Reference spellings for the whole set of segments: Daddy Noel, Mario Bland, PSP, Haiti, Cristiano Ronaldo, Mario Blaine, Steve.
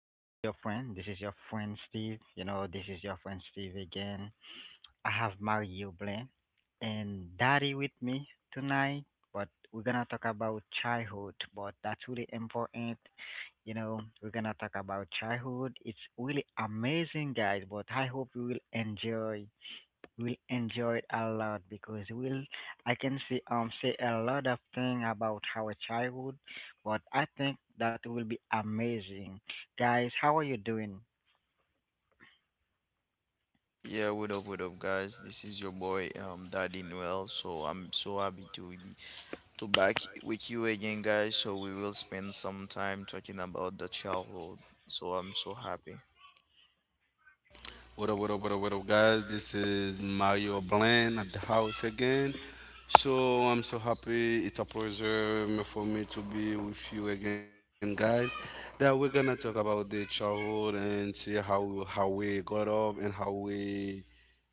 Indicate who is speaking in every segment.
Speaker 1: This is your friend. This is your friend Steve. You know, this is your friend Steve again. I have Mario Blaine and Daddy with me tonight, but we're gonna talk about childhood. But that's really important. You know, we're gonna talk about childhood. It's really amazing, guys. But I hope you will enjoy it a lot because we'll I can see say a lot of thing about our childhood, but I think that will be amazing. Guys, how are you doing?
Speaker 2: Yeah, what up, guys? This is your boy, Daddy Noel. So I'm so happy to be to back with you again, guys. So we will spend some time talking about the childhood. So I'm so happy.
Speaker 3: What up, what up, what up, what up, guys? This is Mario Bland at the house again. So I'm so happy. It's a pleasure for me to be with you again, guys. That we're gonna talk about the childhood and see how we got up and how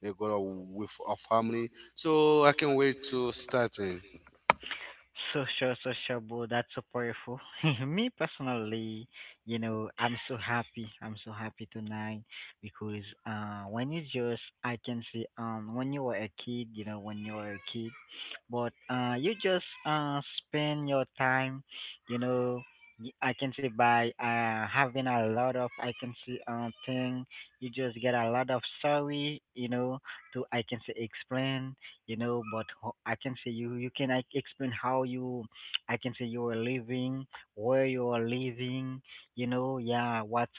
Speaker 3: we got up with our family. So I can not wait to starting.
Speaker 1: So sure, so sure, bro. That's so powerful. Me personally, you know, I'm so happy. I'm so happy tonight because when you just, I can see, when you were a kid, you know, when you were a kid, but you just spend your time, you know, y- I can say by having a lot of I can say thing, you just get a lot of sorry, you know, to I can say explain, you know, but ho- I can say you can like, explain how you I can say you are living, where you are living, you know, yeah, what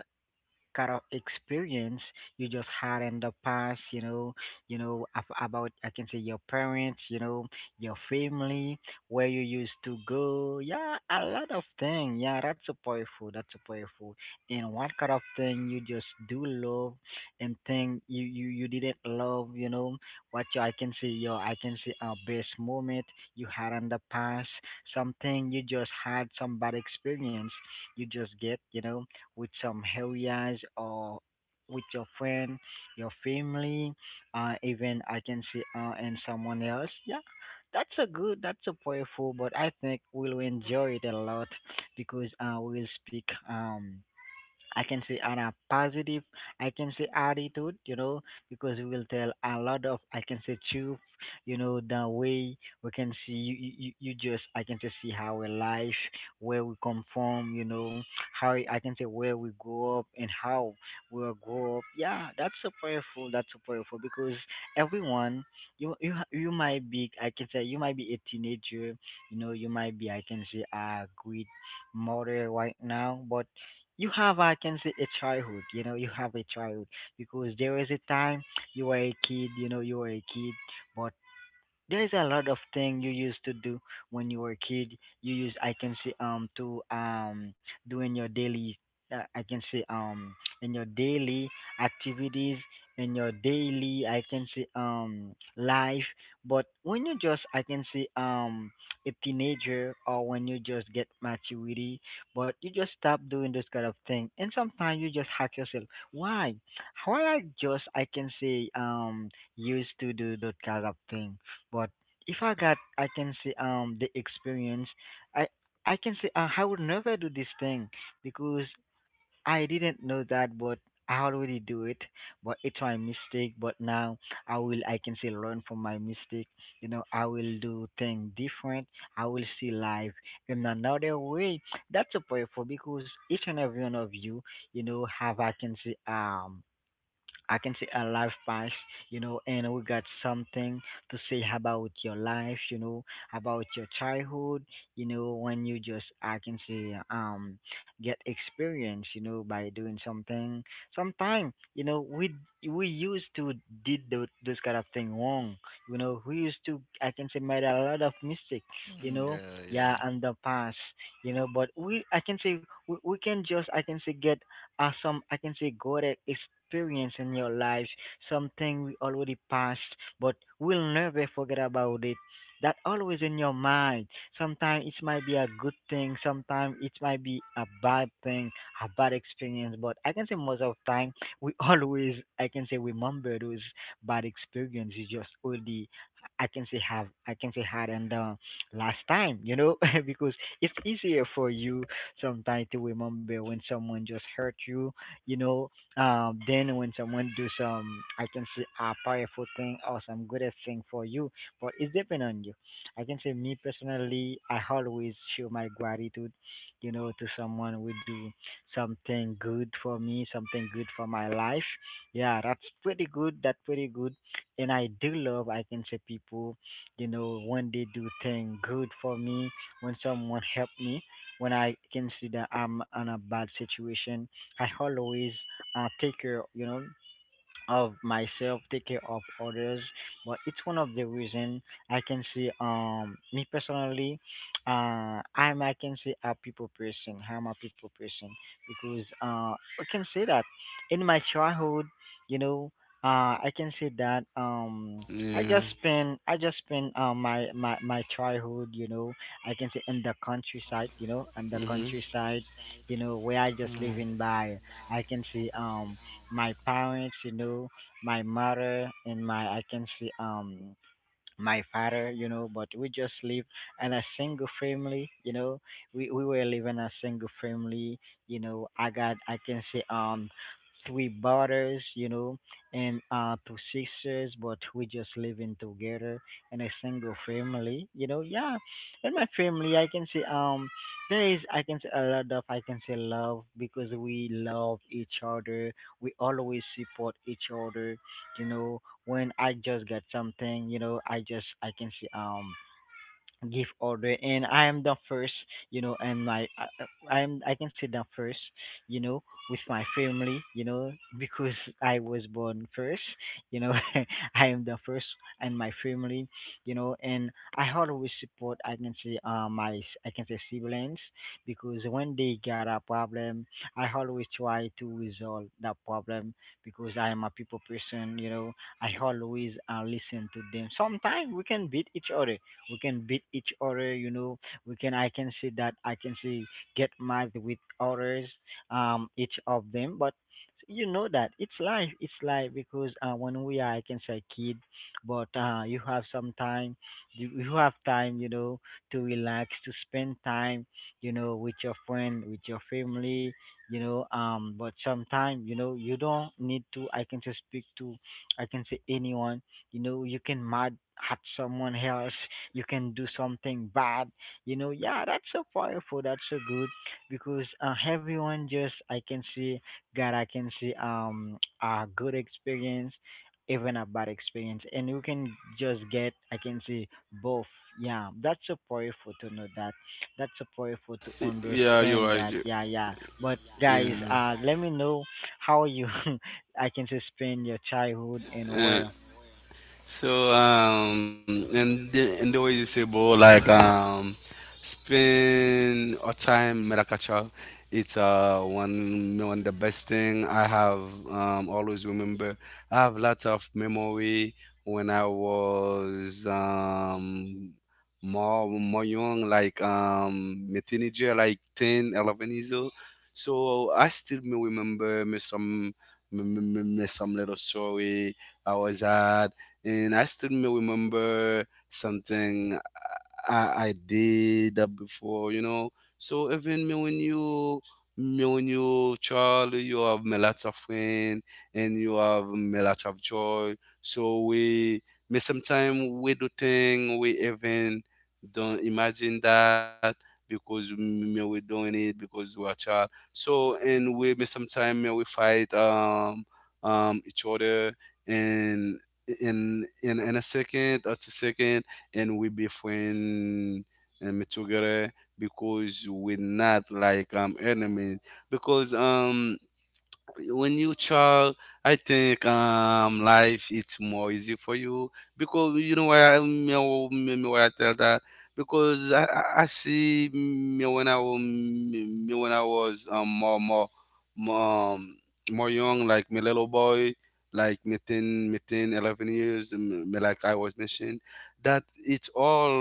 Speaker 1: kind of experience you just had in the past, you know ab- about I can say your parents, you know, your family, where you used to go. Yeah, a lot of things. Yeah, that's a powerful. That's a powerful. And what kind of thing you just do love and thing you didn't love, you know, what you, I can say your I can say our best moment you had in the past, something you just had some bad experience you just get, you know, with some areas or with your friend, your family, even and someone else. Yeah, that's a good, that's a powerful, but I think we'll enjoy it a lot because we'll speak. I can say on a positive, I can say attitude, you know, because we will tell a lot of, I can say truth, you know, the way we can see you just, I can just see how our life, where we come from, you know, how I can say where we grow up and how we will grow up. Yeah, that's so powerful. That's so powerful because everyone, you might be, you might be a teenager, you know, you might be, a great mother right now, but you have I can say a childhood, you know, you have a childhood because there was a time you were a kid, you know, you were a kid, but there's a lot of thing you used to do when you were a kid. You use I can see to doing your daily I can see in your daily activities, in your daily I can see life. But when you just I can see a teenager, or when you just get maturity, but you just stop doing this kind of thing. And sometimes you just hack yourself. Why? Why I just I can say used to do that kind of thing. But if I got, I can say the experience, I I can say I would never do this thing because I didn't know that, but I already do it. But it's my mistake. But now I will, I can say learn from my mistake. You know, I will do thing different. I will see life in another way. That's a prayerful because each and every one of you, you know, have I can say I can see a life pass, you know, and we got something to say about your life, you know, about your childhood, you know, when you just I can say get experience, you know, by doing something. Sometimes, you know, we used to did those kind of thing wrong, you know. We used to I can say made a lot of mistake, you
Speaker 2: Mm,
Speaker 1: know,
Speaker 2: yeah, yeah.
Speaker 1: yeah, and the past, you know. But we can just I can say get some, good experience in your lives, something we already passed, but we'll never forget about it. That always in your mind. Sometimes it might be a good thing, sometimes it might be a bad thing, a bad experience, but I can say most of the time we always, remember those bad experiences just only, have, had, and last time, you know, because it's easier for you sometimes to remember when someone just hurt you, you know. Then when someone do some, I can say a powerful thing or some goodest thing for you, but it's depend on you. I can say Me personally, I always show my gratitude, you know, to someone who do something good for me, something good for my life. Yeah, that's pretty good. That's pretty good. And I do love, I can say people, you know, when they do thing good for me, when someone help me when I consider I'm in a bad situation, I always take care, you know, of myself, take care of others. But it's one of the reason I can see me personally, I'm I can say a people person. I'm a people person because I can say that in my childhood, you know, I can say that
Speaker 3: Yeah.
Speaker 1: I just spend my childhood, you know, I can say in the countryside, you know, in the
Speaker 3: Mhm.
Speaker 1: countryside, you know, where I just living by I can see my parents, you know, my mother and my I can say my father, you know, but we just live in a single family, you know. We were living a single family, you know. I got I can say three brothers, you know, and two sisters, but we just living together in a single family, you know. Yeah, in my family, I can say there is I can say a lot of I can say love because we love each other. We always support each other, you know, when I just get something, you know, I just I can see give order, and I am the first, you know. And my I- I'm I can say the first, you know, with my family, you know, because I was born first, you know. I am the first, and my family, you know. And I always support I can say siblings, because when they got a problem, I always try to resolve that problem, because I am a people person, you know. I always listen to them. Sometimes we can beat each other, you know. We can I can see that I can see get mad with others, each of them. But you know that it's life. It's life, because when we are, I can say kid, but you have some time, you have time, you know, to relax, to spend time, you know, with your friend, with your family, you know. But sometimes, you know, you don't need to I can say speak to, I can say anyone, you know. You can mad at someone else, you can do something bad, you know. Yeah, that's so powerful. That's so good, because everyone just I can say that I can see a good experience, even a bad experience, and you can just get I can see both. Yeah, that's so powerful to know that. That's so powerful to
Speaker 3: Yeah, you're
Speaker 1: understand
Speaker 3: right.
Speaker 1: that. Yeah, yeah. But guys,
Speaker 3: Yeah.
Speaker 1: let me know how you I can say spend your childhood and where.
Speaker 3: Uh, so and the way you say, bro, like spend or time Maracacha, it's one the best thing I have always remember. I have lots of memory when I was more young, like a teenager, like 10, 11 years old. So I still me remember me some some little story I was at, and I still may remember something I did that before, you know. So even me when you child, you have me lots of friend and you have me lots of joy. So we me sometimes we do thing we even don't imagine that because me we doing it because we are child. So and we me sometimes me we fight each other and in a second or 2 second and we be friend together because we're not like enemies because when you child I think life it's more easy for you because you know why I me, oh, me, me why I tell that because I see me when I was more, um, more young like my little boy like me 10, me 10 11 years me like I was mentioned that it's all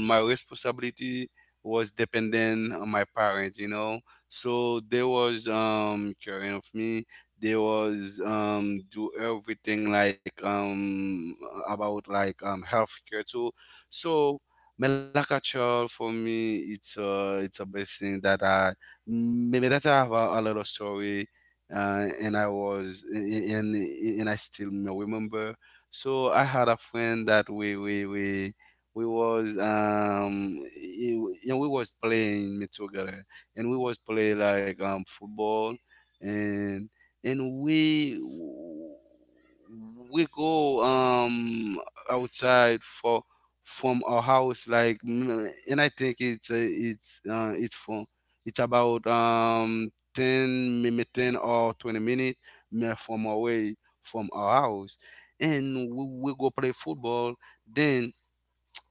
Speaker 3: my responsibility was dependent on my parents so they was caring of me. They was do everything like about like healthcare too. So Melaka Child for me it's a blessing that I maybe that I have a little story and I was and I still remember. So I had a friend that we was we was playing together and we was play like football and and we go outside for from our house like and I think it's about 10 maybe 10 or 20 minutes from away from our house and we go play football then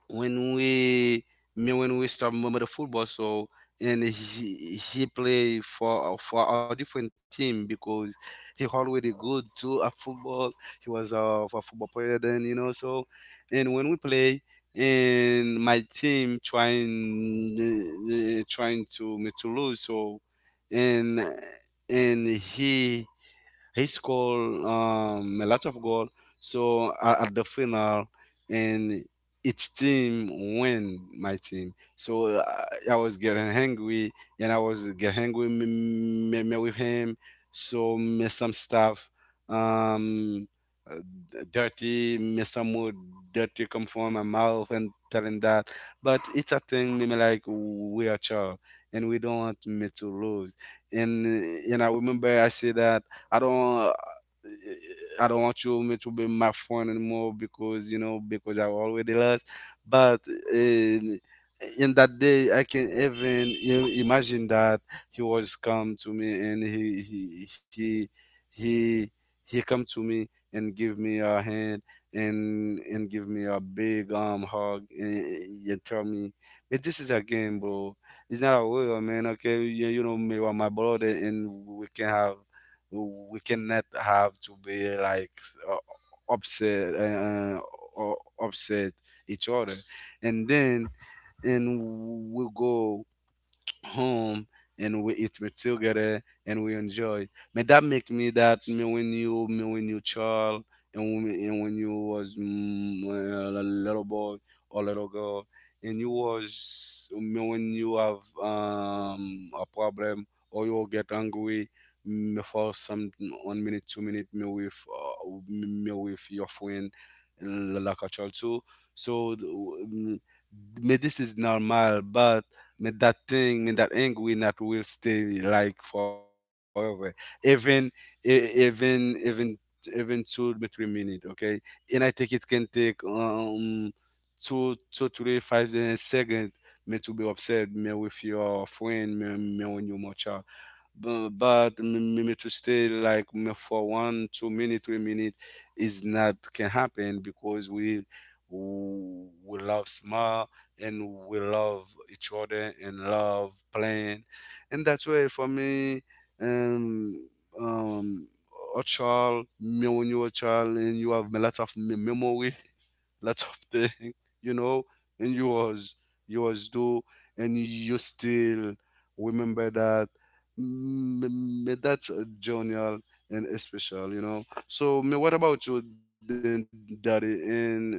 Speaker 3: when we when we start remember the football so and he play for our different team because he already good to a football he was a football player then so and when we play and my team trying trying to me to lose so and and he scored a lot of goals. So at the final, and its team win my team. So I was getting angry, and I was getting angry with him. So me some stuff, um, uh, dirty, me some more dirty come from my mouth and telling that. But it's a thing, me like we are child, and we don't want me to lose. And I remember I say that I don't. I don't want you me to be my friend anymore because you know because I already lost. But um, in that day, I can even imagine that he was come to me and he he he come to me and give me a hand and give me a big hug and, tell me, but this is a game, bro. It's not a war, man. Okay, you know me, you are my brother, and we can have we cannot have to be like upset or upset each other and then and we go home and we eat meat together and we enjoy. But that make me that me when you child and when, you was well, a little boy or little girl and you was me when you have a problem or you get angry me for some 1 minute 2 minute me with your friend like a child too. So me this is normal, but made that thing, made that angry, that will stay like forever. Even, e- even, even, even 2 to 3 minutes. Okay, and I think it can take two, two, three, five seconds me to be upset me with your friend, me, me when you're much but me, me to stay like me for one two minute 3 minute is not can happen because we love small and we love each other and love playing and that's why for me um um a child me when you're a child and you have a lot of memory lot of thing, you know, and you was do, and you still remember that. That's a journal and a special, you know. So, me, what about you, then, Daddy? And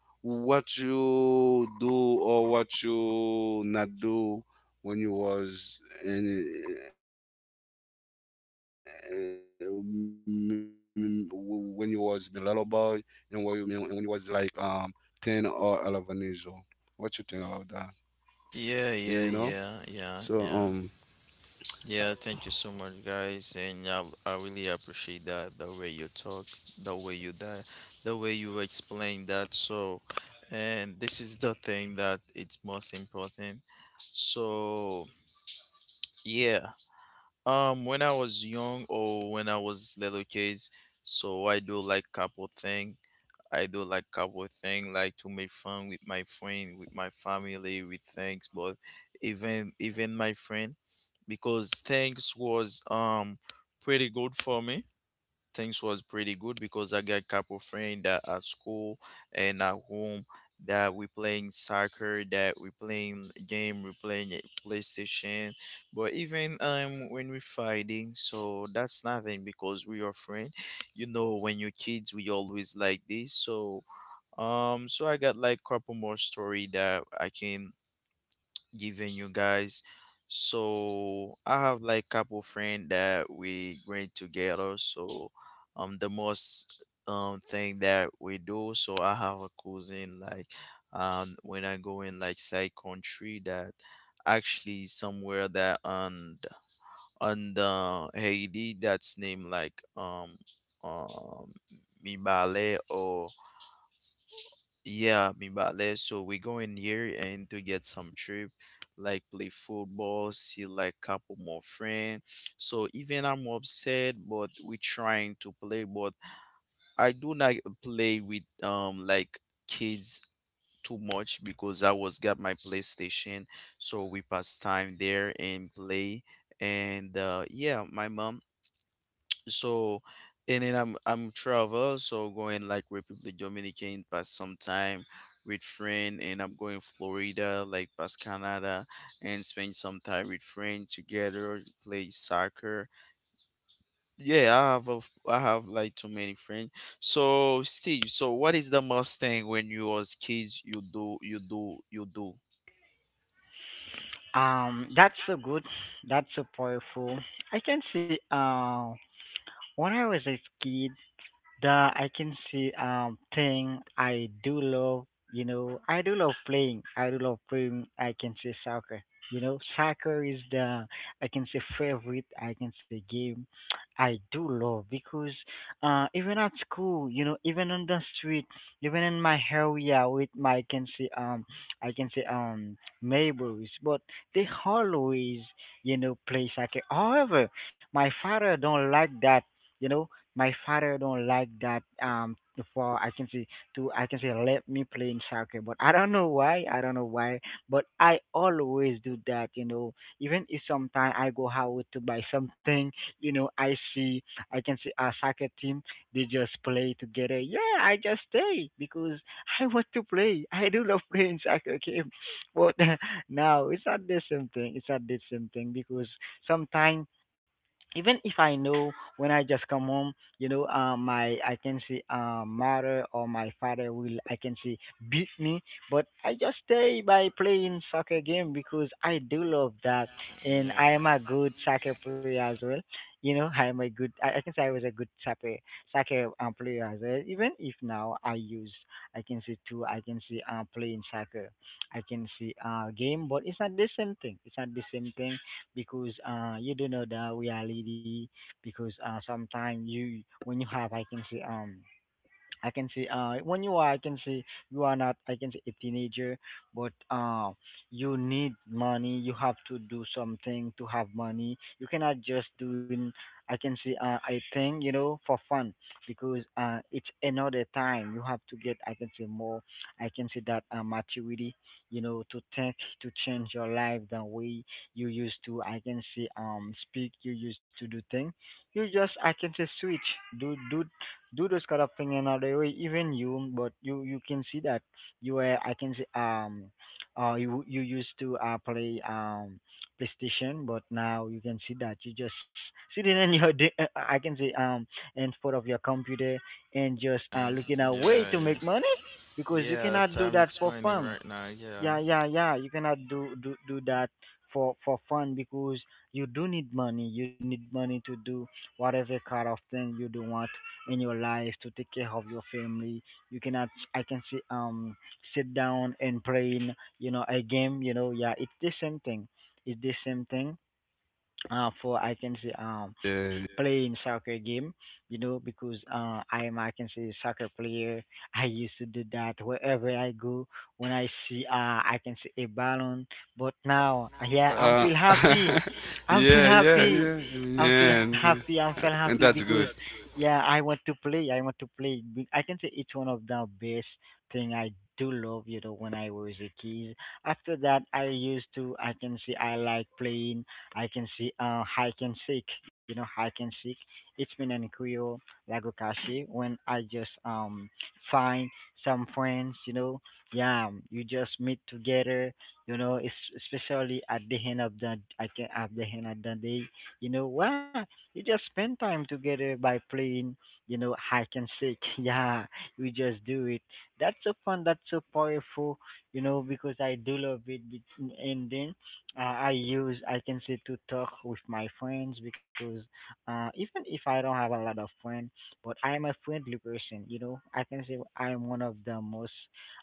Speaker 3: what you do or what you not do when you was in uh, when you was a little boy and what you mean and when you was like 10 or 11 years what you think about that? Yeah, you know. So
Speaker 2: Yeah, yeah, yeah, yeah, yeah. Yeah, thank you so much, guys, and I really appreciate that the way you talk, the way you that, the way you explain that. So, and this is the thing that it's most important. So, yeah. When I was young or when I was little kids, so I do like couple thing. I do like couple thing, like to make fun with my friend, with my family, with things, but even my friend, because things was pretty good for me, things was pretty good because I got couple friends that at school and at home that we playing soccer, that we playing game, we playing a PlayStation. But even when we fighting, so that's nothing because we are friends. You know, when you kids, we always like this. So so I got like couple more story that I can giving you guys. So I have like couple friend that we bring together. So the most thing that we do. So I have a cousin like when I go in like side country that actually somewhere that on the Haiti that's named like um Mibale or yeah, mi vale. So we go in here and to get some trip, like play football, see like couple more friend. So even I'm upset, but we trying to play. But I do not play with like kids too much because I was got my PlayStation, so we pass time there and play. And yeah, my mom, so and then I'm travel, so going like republic dominican past some time with friend, and I'm going florida like past canada and spend some time with friend together play soccer. Yeah, I have a, I have like too many friends. So Steve, so what is the most thing when you was kids you do you do?
Speaker 1: That's so good. That's so powerful. I can see. When I was a kid, the I can see thing I do love, you know, I do love playing. I do love playing, I can say soccer. You know, soccer is the, I can say favorite, I can say game I do love, because even at school, you know, even on the street, even in my area with my I can say neighbors, but they always, you know, play soccer. However, my father don't like that. You know, my father don't like that, for I can say to I can say let me play in soccer, but I don't know why. I don't know why, but I always do that. You know, even if sometimes I go out to buy something, you know, I see I can see a soccer team. They just play together. Yeah, I just stay because I want to play. I do love playing soccer game, but now it's not the same thing. It's not the same thing because sometimes even if I know when I just come home, my I can see mother or my father will I can see beat me, but I just stay by playing soccer game because I do love that, and I
Speaker 2: Yeah,
Speaker 1: am a good soccer player as well. You know, I can say I was a good soccer player as well. Even if now I use I can see two I can see playing soccer, I can see game, but it's not the same thing. It's not the same thing because you do know the reality because sometimes you when you have I can say I can see when you are I can see you are not I can see a teenager but you need money, you have to do something to have money. You cannot just doing I can see a thing, you know, for fun because it's another time. You have to get I can see more I can see that maturity, you know, to think, to change your life the way you used to I can see speak, you used to do thing. You just I can say switch do do do those kind of thing another way. Even you, but you can see that you were I can see you you used to play PlayStation, but now you can see that you just sitting in your I can say in front of your computer and just
Speaker 2: man.
Speaker 1: looking at way
Speaker 2: Yeah,
Speaker 1: to
Speaker 2: yeah.
Speaker 1: make money because you
Speaker 2: Yeah,
Speaker 1: cannot do
Speaker 2: time
Speaker 1: that
Speaker 2: it's
Speaker 1: for
Speaker 2: money
Speaker 1: fun.
Speaker 2: right now. Yeah,
Speaker 1: Yeah, yeah, yeah, you cannot do that for fun because you do need money. You need money to do whatever kind of thing you do want in your life to take care of your family. You cannot I can say sit down and playing, you know, a game, you know. Yeah, it's the same thing. It's the same thing for I can say
Speaker 3: yeah,
Speaker 1: playing soccer game, you know, because I am I can say soccer player. I used to do that wherever I go, when I see I can see a balloon. But now, yeah, I'm
Speaker 3: uh,
Speaker 1: feel happy. I'm feel
Speaker 3: yeah, yeah,
Speaker 1: happy.
Speaker 3: yeah,
Speaker 1: I'm feel
Speaker 3: yeah, and
Speaker 1: happy. I'm feel happy
Speaker 3: that's
Speaker 1: because
Speaker 3: good.
Speaker 1: yeah, I want to play. I want to play. I can say it's one of the best thing I do love, you know, when I was a kid. After that, I used to, I can say, I like playing, I can see hide and seek, you know, hide and seek. It's been an Kuyo, Lagokashi, when I just find some friends, you know, yeah, you just meet together, you know, especially at the end of the, I can, at the end of the day, you know, wow, you just spend time together by playing, you know, hide and seek. Yeah, we just do it. That's so fun. That's so powerful, you know, because I do love it. And then I use I can say to talk with my friends because even if I don't have a lot of friends, but I am a friendly person. You know, I can say I am one of the most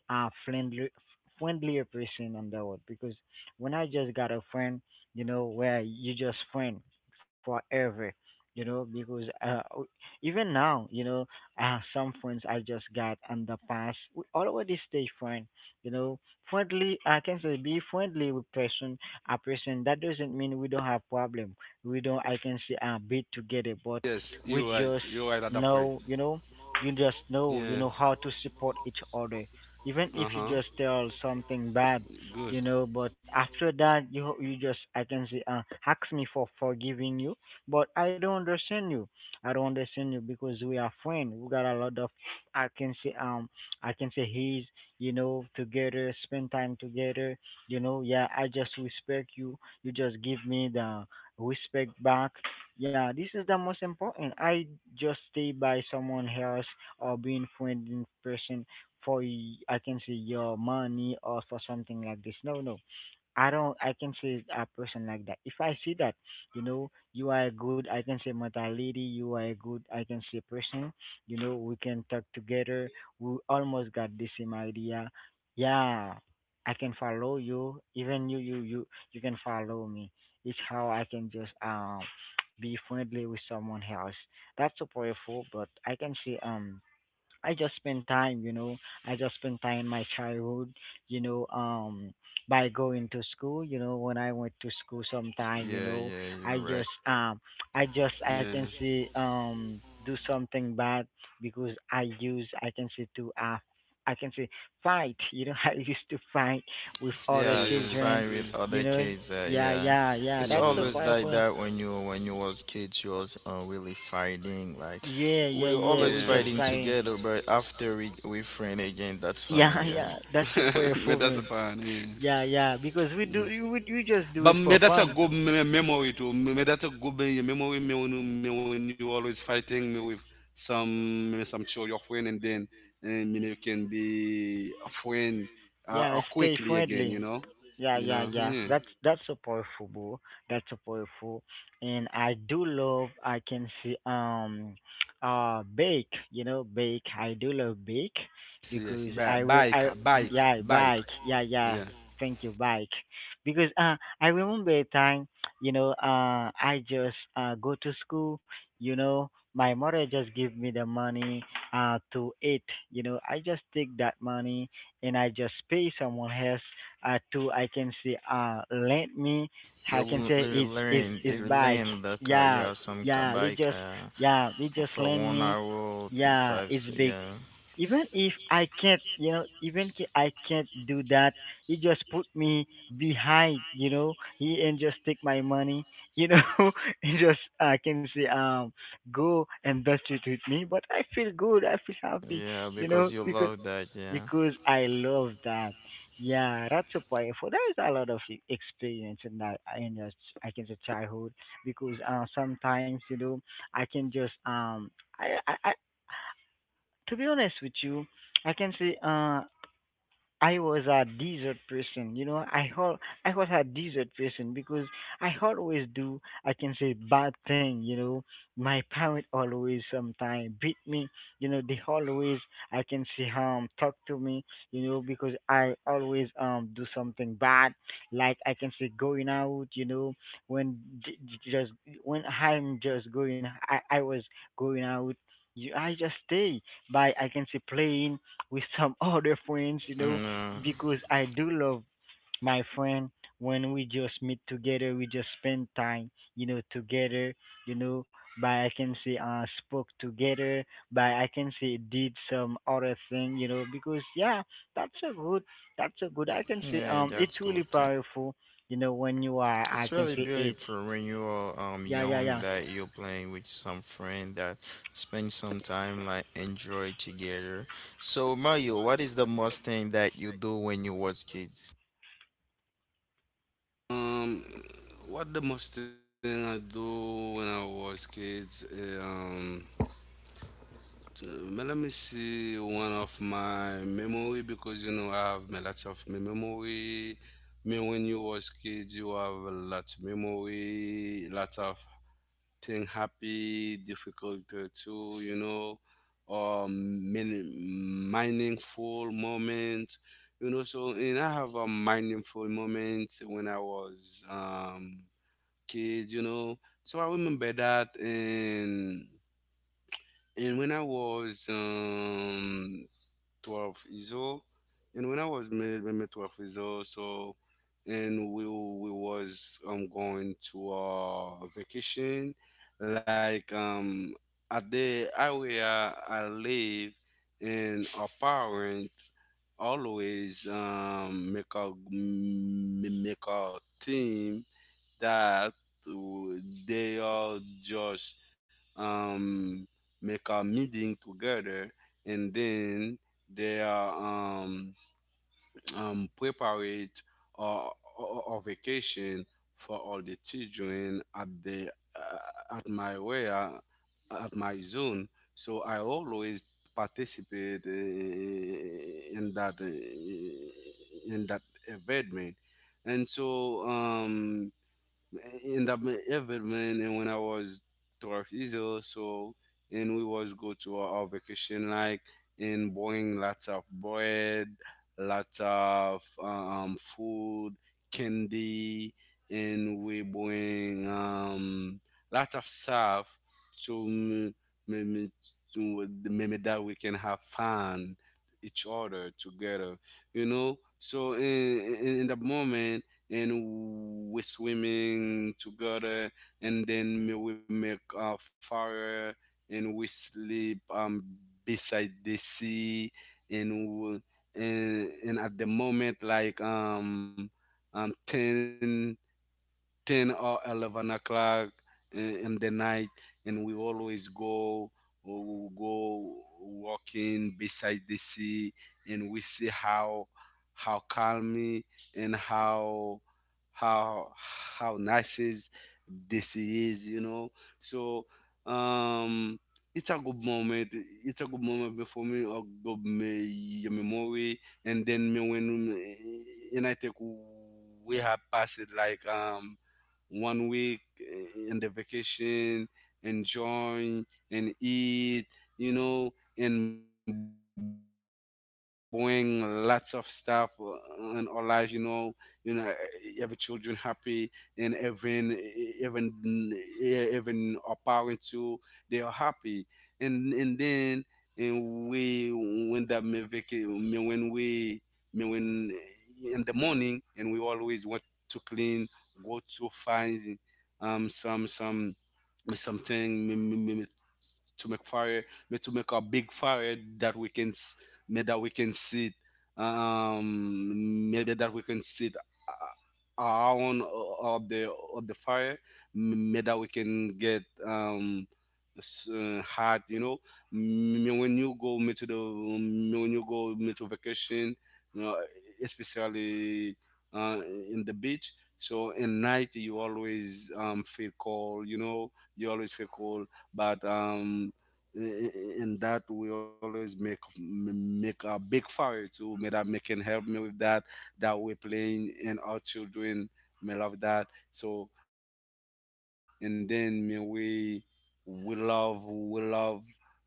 Speaker 1: friendly friendlier person on the world because when I just got a friend, you know, where you just friend forever, you know, because even now, you know, some friends I just got in the past, we already stay friend, you know, friendly. I can say be friendly with person, a person. That doesn't mean we don't have problem, we don't I can say be together, but
Speaker 3: Yes, you're
Speaker 1: we
Speaker 3: right.
Speaker 1: just
Speaker 3: You're right at that point.
Speaker 1: know, you know, you just know,
Speaker 3: Yeah.
Speaker 1: you know how to support each other, even
Speaker 3: Uh
Speaker 1: if you
Speaker 3: huh.
Speaker 1: just tell something bad,
Speaker 3: Good.
Speaker 1: you know. But after that, you just I can say ask me for forgiving you, but I don't understand you. I don't understand you because we are friends. We got a lot of I can say um I can say he's, you know, together, spend time together. You know, yeah. I just respect you. You just give me the respect back. Yeah, this is the most important. I just stay by someone else or being friend in person for I can say your money or for something like this. No, no. I don't. I can say a person like that. If I see that, you know, you are a good. I can say mentality. You are a good. I can say person. You know, we can talk together. We almost got the same idea. Yeah, I can follow you. Even you, you can follow me. It's how I can just be friendly with someone else. That's so powerful. But I can say I just spend time, you know. I just spend time in my childhood, you know, by going to school, you know, when I went to school sometime, you
Speaker 2: yeah,
Speaker 1: know,
Speaker 2: yeah. You're
Speaker 1: I
Speaker 2: right.
Speaker 1: just um I just I
Speaker 3: Yeah.
Speaker 1: can see do something bad because I use I can see to I can say fight, you know, I used to fight with other
Speaker 2: Yeah, you
Speaker 3: Yeah.
Speaker 1: children,
Speaker 2: fry
Speaker 3: Yeah.
Speaker 2: with
Speaker 1: you
Speaker 2: other
Speaker 1: know.
Speaker 2: kids.
Speaker 1: Yeah,
Speaker 2: Yeah,
Speaker 1: yeah, yeah,
Speaker 2: it's
Speaker 1: that's so
Speaker 3: Mhm.
Speaker 2: always like
Speaker 1: powerful.
Speaker 2: that when you was kids. You was really fighting. Like
Speaker 1: Yeah, yeah,
Speaker 2: we
Speaker 1: yeah,
Speaker 2: always
Speaker 1: we
Speaker 3: Yeah.
Speaker 1: just
Speaker 2: fighting
Speaker 1: fighting.
Speaker 2: together, but after we friend again. That's
Speaker 1: Yeah,
Speaker 2: funny. Yeah,
Speaker 1: yeah, that's so
Speaker 3: but
Speaker 1: powerful,
Speaker 3: that's
Speaker 1: man.
Speaker 3: fine. Yeah.
Speaker 1: Yeah, yeah, because we do, we just do
Speaker 3: But
Speaker 1: it
Speaker 3: me
Speaker 1: for
Speaker 3: that's a
Speaker 1: fun.
Speaker 3: good memory too. Me me that's a good memory me when, me when you always fighting me with some me some chill your friend and then and me, me you can be a friend
Speaker 1: Yeah, stay
Speaker 3: quickly again. You
Speaker 1: friendly.
Speaker 3: know,
Speaker 1: Yeah,
Speaker 3: you
Speaker 1: yeah,
Speaker 3: know.
Speaker 1: yeah.
Speaker 3: Yeah.
Speaker 1: That's so powerful, bro. That's so powerful. And I do love I can see bake, you know, bake. I do love bake
Speaker 3: Yes, yes.
Speaker 1: because I will
Speaker 3: Bike,
Speaker 1: I
Speaker 3: bike,
Speaker 1: yeah,
Speaker 3: bike.
Speaker 1: bike. Yeah, yeah.
Speaker 3: Yeah.
Speaker 1: Thank you, bike. Because I remember a time, you know, I just go to school, you know, my mother just give me the money to eat, you know. I just take that money and I just pay someone else to I can say lend me.
Speaker 2: you
Speaker 1: I can
Speaker 2: l-
Speaker 1: say is is is
Speaker 2: you
Speaker 1: bike.
Speaker 2: learn the car.
Speaker 1: Yeah,
Speaker 2: Yeah, some ca-
Speaker 1: yeah, they
Speaker 2: bike
Speaker 1: just, yeah, they just
Speaker 2: for
Speaker 1: lend
Speaker 2: one
Speaker 1: me.
Speaker 2: hour
Speaker 1: Yeah,
Speaker 2: five.
Speaker 1: it's
Speaker 2: S-
Speaker 1: big.
Speaker 2: Yeah,
Speaker 1: Even if I can't, you know, even if I can't do that, he just put me behind, you know, he and just take my money, you know. He just I can say go and dust it with me, but I feel good, I feel happy,
Speaker 2: yeah,
Speaker 1: you know,
Speaker 2: because you love that. Yeah,
Speaker 1: because I love that. Yeah, that's a powerful. There is a lot of experience in that in your I can say childhood because sometimes, you know, I can just um, I, to be honest with you, I can say I was a desert person, you know. I was a desert person because I always do I can say bad thing, you know. My parent always sometimes beat me, you know. They always I can say talk to me, you know, because I always do something bad, like I can say going out, you know, when j- j- just when I was going out. You, I just stay by I can say playing with some other friends, you know,
Speaker 2: mm,
Speaker 1: because I do love my friend. When we just meet together, we just spend time, you know, together, you know, by I can say spoke together, by I can say did some other thing, you know, because yeah, that's a good, that's a good, I can say
Speaker 2: yeah, that's
Speaker 1: it's really
Speaker 2: good.
Speaker 1: powerful, you know, when you are I
Speaker 2: It's
Speaker 1: can
Speaker 2: really
Speaker 1: say it.
Speaker 2: beautiful when you are
Speaker 1: Yeah, yeah,
Speaker 2: young
Speaker 1: yeah.
Speaker 2: that you're playing with some friend that spend some time like enjoy together. So Mario, what is the most thing that you do when you was kids?
Speaker 3: Um, what the most thing I do when I was kids? So, let me see one of my memory because I have me lots of memory. Me when you was kid, you have a lot memory, lots of thing happy, difficult too, you know, or meaningful moment, you know. So and I have a meaningful moment when I was kid, you know. So I remember that and. And when I was 12 years old, and when I was made, when I 12 years old, so and we was going to a vacation, like at the area I live, and our parents always make a make a team that uh, they all just um, make a meeting together and then they are um, preparate a, a, a vacation for all the children at the at my where at my zone so I always participate in that event man and so in I've and when I was 12 years old so and we was go to our vacation like and bring lots of bread lots of food candy and we bring lots of stuff to m- maybe to maybe that we can have fun each other together so in the moment and we swimming together and then we make a fire and we sleep beside the sea and we, at the moment like 10 ten or eleven o'clock in the night, and we always go walking beside the sea, and we see how calm and how how nice is the sea is, you know. So um, it's a good moment. It's a good moment for me. A good memory and then me when and I think we have passed like 1 week in the vacation, enjoy and eat, you know, and bring lots of stuff in our life, you know, you know, eh, every children happy and even our parents too, they are happy, and then and we when that me vaca- me when we me when eh, in the morning and we always want to clean, go to find um some some something me- me- me- me to make a big fire that we can sit, maybe that we can sit our own of the fire, made that we can get hot, you know. M- when you go me to the when you go me to vacation, you know, especially, uh, in the beach, so in night you always, feel cold, you know, you always feel cold, but in that we always make a big fire too, may that make can help me with that, that we're playing and our children me love that. So and then me we love we love we love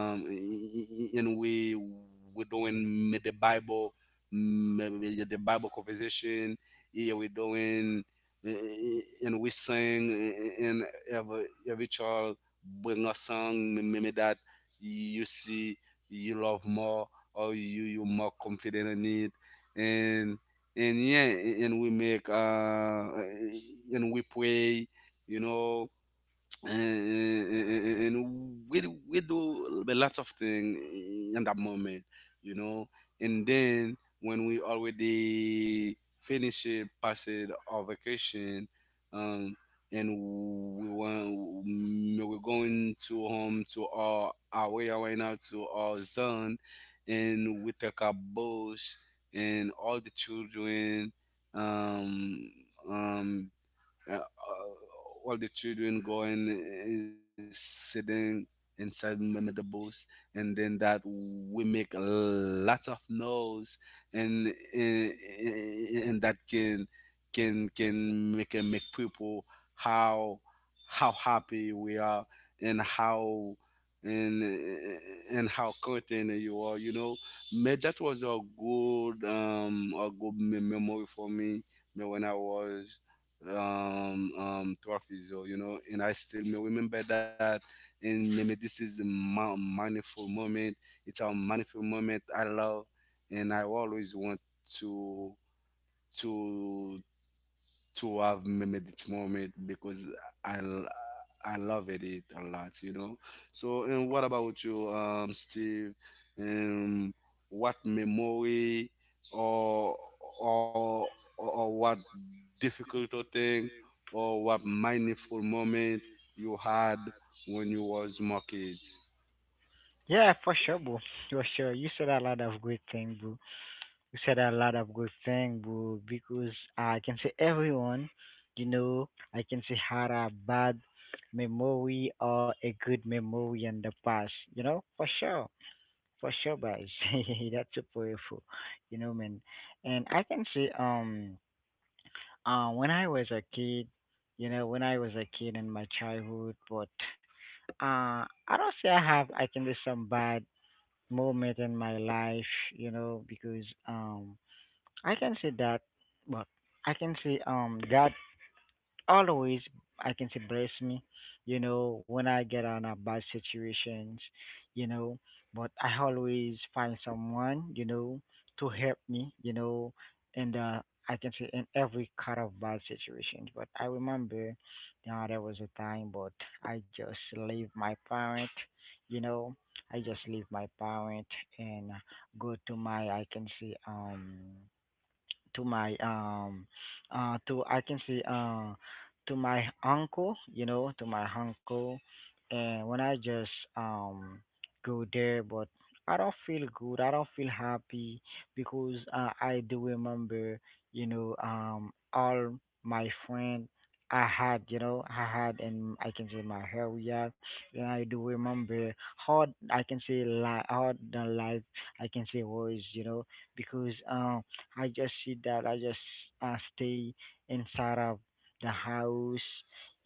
Speaker 3: and we doing me the Bible mm, me- me yeah, the Bible conversation. Yeah, we doing, and we sing, and every child bring a song me- me- me that you see you love more or you more confident in it. And yeah, and we make, and we pray, you know, uh, uh, and we do a lot of things in that moment, you know. And then when we already finish it, pass it our vacation, um, and we want, we're going to home to our area right now to our zone, and we take our boats and um, um, uh, uh, all the children going, sitting inside the bus, and then that we make a lot of noise, and and and that can, make people how how happy we are and how, and eh, and how content you are, you know. Man, that was a good memory for me. Me when I was, 12 years old, you know, and I still may remember that. And maybe this is a mindful moment. It's a mindful moment I love, and I always want to to to have made this moment because I l- I love it, it a lot, you know. So, and what about you, Steve? Um, what memory or or or what difficult thing or what mindful moment you had when you was more kids?
Speaker 1: Yeah, for sure, bro. For sure. You said a lot of great things, bro. You said a lot of good thing, bro, because I can say everyone, you know, I can say had a bad memory or a good memory in the past, you know, for sure. For sure, guys. That's so powerful, you know, man. And I can say, when I was a kid, you know, when I was a kid in my childhood, but I don't say I have, I can say some bad moment in my life, you know, because I can see that, but I can see God always I can say bless me, you know, when I get on a bad situations, you know, but I always find someone, you know, to help me, you know, and I can say in every kind of bad situations. But I remember there was a time but I just leave my parent, you know, I just leave my parent and go to my I can say to my to I can say to my uncle, to my uncle. And when I just um go there but I don't feel good, I don't feel happy because I do remember, all my friend I had, I had, and I can say my area. And I do remember how I can say how the life I can say was, because I just see that I just stay inside of the house,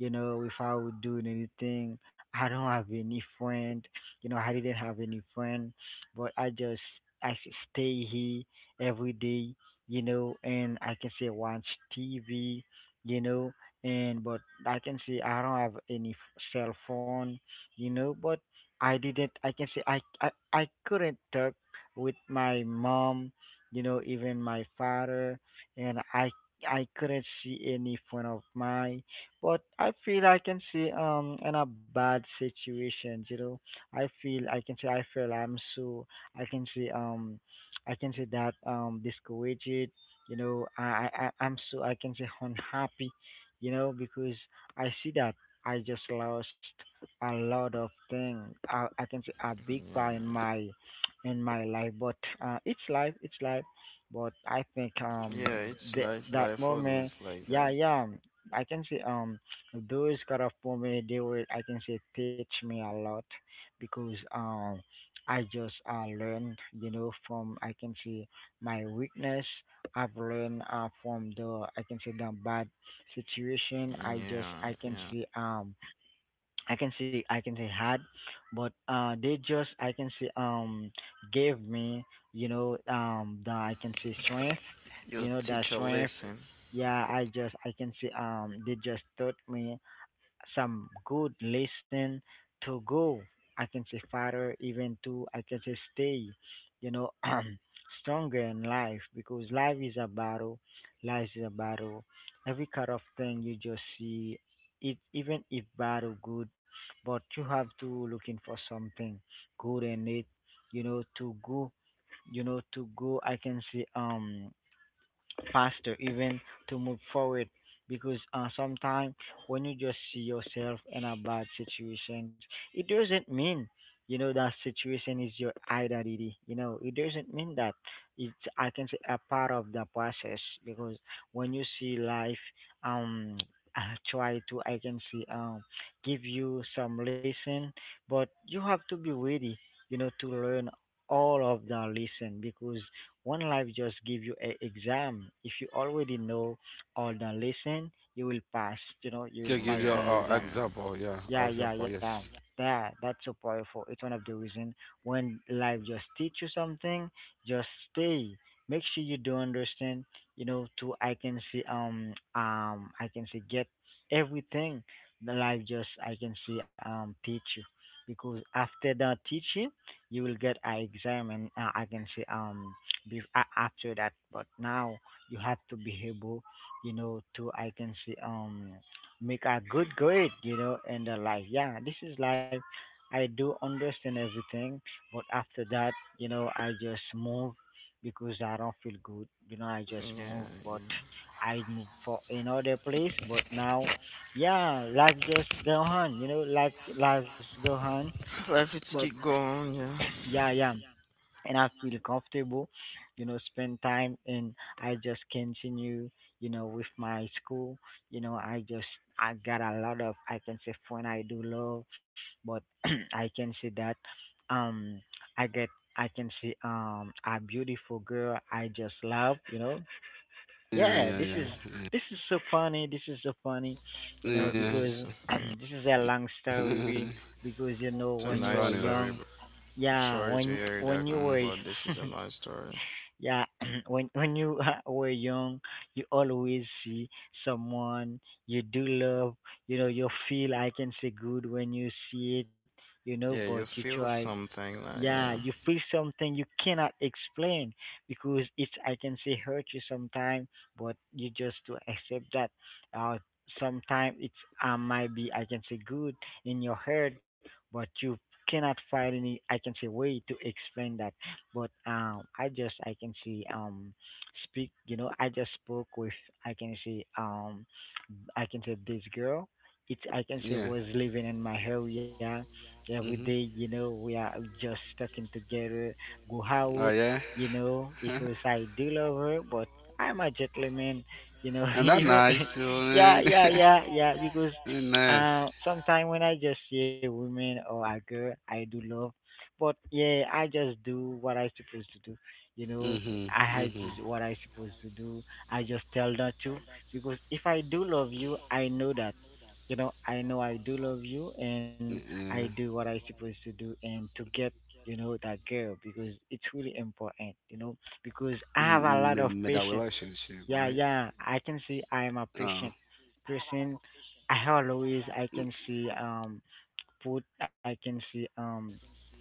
Speaker 1: without doing anything. I don't have any friend, I didn't have any friend, but I just stay here every day, and I can say watch TV, you know, and but I can say I don't have any cell phone, but I didn't. I can say I couldn't talk with my mom, even my father, and I couldn't see any friend of mine. But I feel I can see in a bad situation, I feel I can say I feel I'm so I can say um I can say that discouraged, I'm so I can say unhappy, because I see that I just lost a lot of things. I can say a big part in
Speaker 2: Yeah,
Speaker 1: my life, but it's life, it's life. But I think
Speaker 2: yeah, it's life.
Speaker 1: that
Speaker 2: Life
Speaker 1: moment,
Speaker 2: always like
Speaker 1: yeah,
Speaker 2: that.
Speaker 1: yeah, I can say those kind of moment they will I can say teach me a lot, because I just learned from I can say my weakness. I've learned from the I can say the bad situation. I just I
Speaker 2: Yeah,
Speaker 1: can
Speaker 2: yeah.
Speaker 1: see I can say had, but they just I can say gave me the I can say strength,
Speaker 2: You
Speaker 1: the
Speaker 2: teach a
Speaker 1: strength.
Speaker 2: lesson.
Speaker 1: Yeah, I just I can say they just taught me some good lesson to go. I can say farther, even to I can say stay, you know, stronger in life because life is a battle. Life is a battle. Every kind of thing you just see, it even if battle good, but you have to looking for something good in it, to go, to go. I can say faster, even to move forward, because sometimes when you just see yourself in a bad situation, it doesn't mean that situation is your identity. You know, it doesn't mean that. It's I can say a part of the process, because when you see life um try to I can say give you some lesson, but you have to be ready to learn all of the lesson, because one life just give you a exam. If you already know all, don't listen, you will pass.
Speaker 3: Can
Speaker 1: You will
Speaker 3: give you
Speaker 1: pass
Speaker 3: an
Speaker 1: the
Speaker 2: Yeah,
Speaker 1: exam.
Speaker 2: yeah,
Speaker 3: example, yeah, a
Speaker 1: Yeah, yeah,
Speaker 3: example,
Speaker 1: yeah.
Speaker 3: yes.
Speaker 1: That's so powerful. It's one of the reason, when life just teach you something, just stay. Make sure you do understand. To I can see get everything. The life just I can see teach you, because after the teaching you will get an exam and I can see be, a after that. But now you have to be able, to I can see make a good grade, in the life. Yeah, this is life. I do understand everything, but after that, I just move, because I don't feel good. I just move, but
Speaker 2: yeah,
Speaker 1: I move for another place. But now, yeah, life just go on. Like life lives go on.
Speaker 2: yeah. Life
Speaker 1: But
Speaker 2: it's keep going. Yeah.
Speaker 1: yeah, yeah, and I feel comfortable, spend time. And I just continue, with my school. I just I got a lot of I can say fun I do love, but I can say that um I get I can see a beautiful girl I just love.
Speaker 3: Yeah,
Speaker 1: Yeah,
Speaker 3: yeah,
Speaker 1: this is
Speaker 3: yeah,
Speaker 1: this is so funny, this is so funny,
Speaker 2: Yeah, this is
Speaker 1: because
Speaker 2: a
Speaker 3: yeah.
Speaker 2: fun.
Speaker 1: this is a long story,
Speaker 3: It's funny though.
Speaker 1: because
Speaker 2: It's
Speaker 1: when
Speaker 2: a
Speaker 1: you are
Speaker 2: nice
Speaker 1: young.
Speaker 2: story, bro.
Speaker 3: Uh,
Speaker 2: I'm
Speaker 1: Yeah,
Speaker 2: sorry to
Speaker 1: when
Speaker 2: hear
Speaker 1: when
Speaker 2: that,
Speaker 1: you were
Speaker 2: but this is a nice story.
Speaker 1: yeah, when you were young, you always see someone you do love. You feel I can say good when you see it. But
Speaker 2: Yeah,
Speaker 1: you
Speaker 2: you
Speaker 1: try,
Speaker 2: feel something like
Speaker 1: yeah, you
Speaker 2: yeah.
Speaker 1: feel something you cannot explain, because it's I can say hurt you sometime, but you just to accept that uh sometime it's might be I can say good in your head, but you cannot find any I can say way to explain that. But I just I can say speak, I just spoke with I can say I can say this girl. It I can
Speaker 3: yeah.
Speaker 1: say was living in my area every
Speaker 3: Mm-hmm.
Speaker 1: day. We are just talking together, go
Speaker 3: Oh
Speaker 1: out.
Speaker 3: yeah,
Speaker 1: Because I do love her, but I'm a gentleman.
Speaker 3: and that
Speaker 1: Even
Speaker 3: nice too.
Speaker 1: yeah,
Speaker 3: Man.
Speaker 1: yeah, yeah, yeah. Because
Speaker 3: That nice.
Speaker 1: sometimes when I just see a woman or a girl, I do love, but yeah, I just do what I supposed to do. You know,
Speaker 3: Mm-hmm.
Speaker 1: I had
Speaker 3: Mm-hmm.
Speaker 1: just what I supposed to do. I just tell not to, because if I do love you, I know that, I know I do love you, and I
Speaker 3: Yeah.
Speaker 1: do what I supposed to do, and to get, that girl, because it's really important,
Speaker 3: Made a
Speaker 1: because
Speaker 3: relationship,
Speaker 1: I
Speaker 3: right?
Speaker 1: have a lot of patience. Yeah,
Speaker 3: Uh,
Speaker 1: yeah, I can see I am a patient
Speaker 3: m-
Speaker 1: person. I always I can see put I can
Speaker 3: a
Speaker 1: see
Speaker 3: person.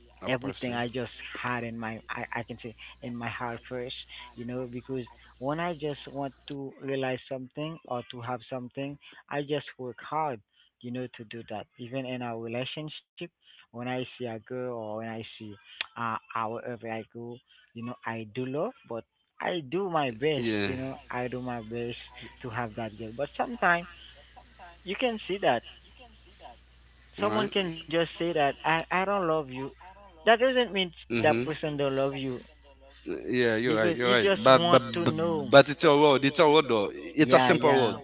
Speaker 1: everything I just had in my I can say in my heart first, because when I just want to realize something or to have something, I just work hard, to do that. Even in our relationship, when I see a girl or when I see our wherever I go, I do love but I do my
Speaker 3: Yeah.
Speaker 1: best, I do my best to have that girl. But sometimes you can see that
Speaker 3: Right.
Speaker 1: someone can just say that I don't love you. That doesn't mean
Speaker 3: Mm-hmm.
Speaker 1: that person don't love you,
Speaker 3: Yeah, you're right.
Speaker 1: because
Speaker 3: You're
Speaker 1: he
Speaker 3: right.
Speaker 1: just
Speaker 3: But but
Speaker 1: want to
Speaker 3: but,
Speaker 1: know.
Speaker 3: but it's a road. It's a road though. It's a
Speaker 1: Yeah,
Speaker 3: simple
Speaker 1: yeah,
Speaker 3: road.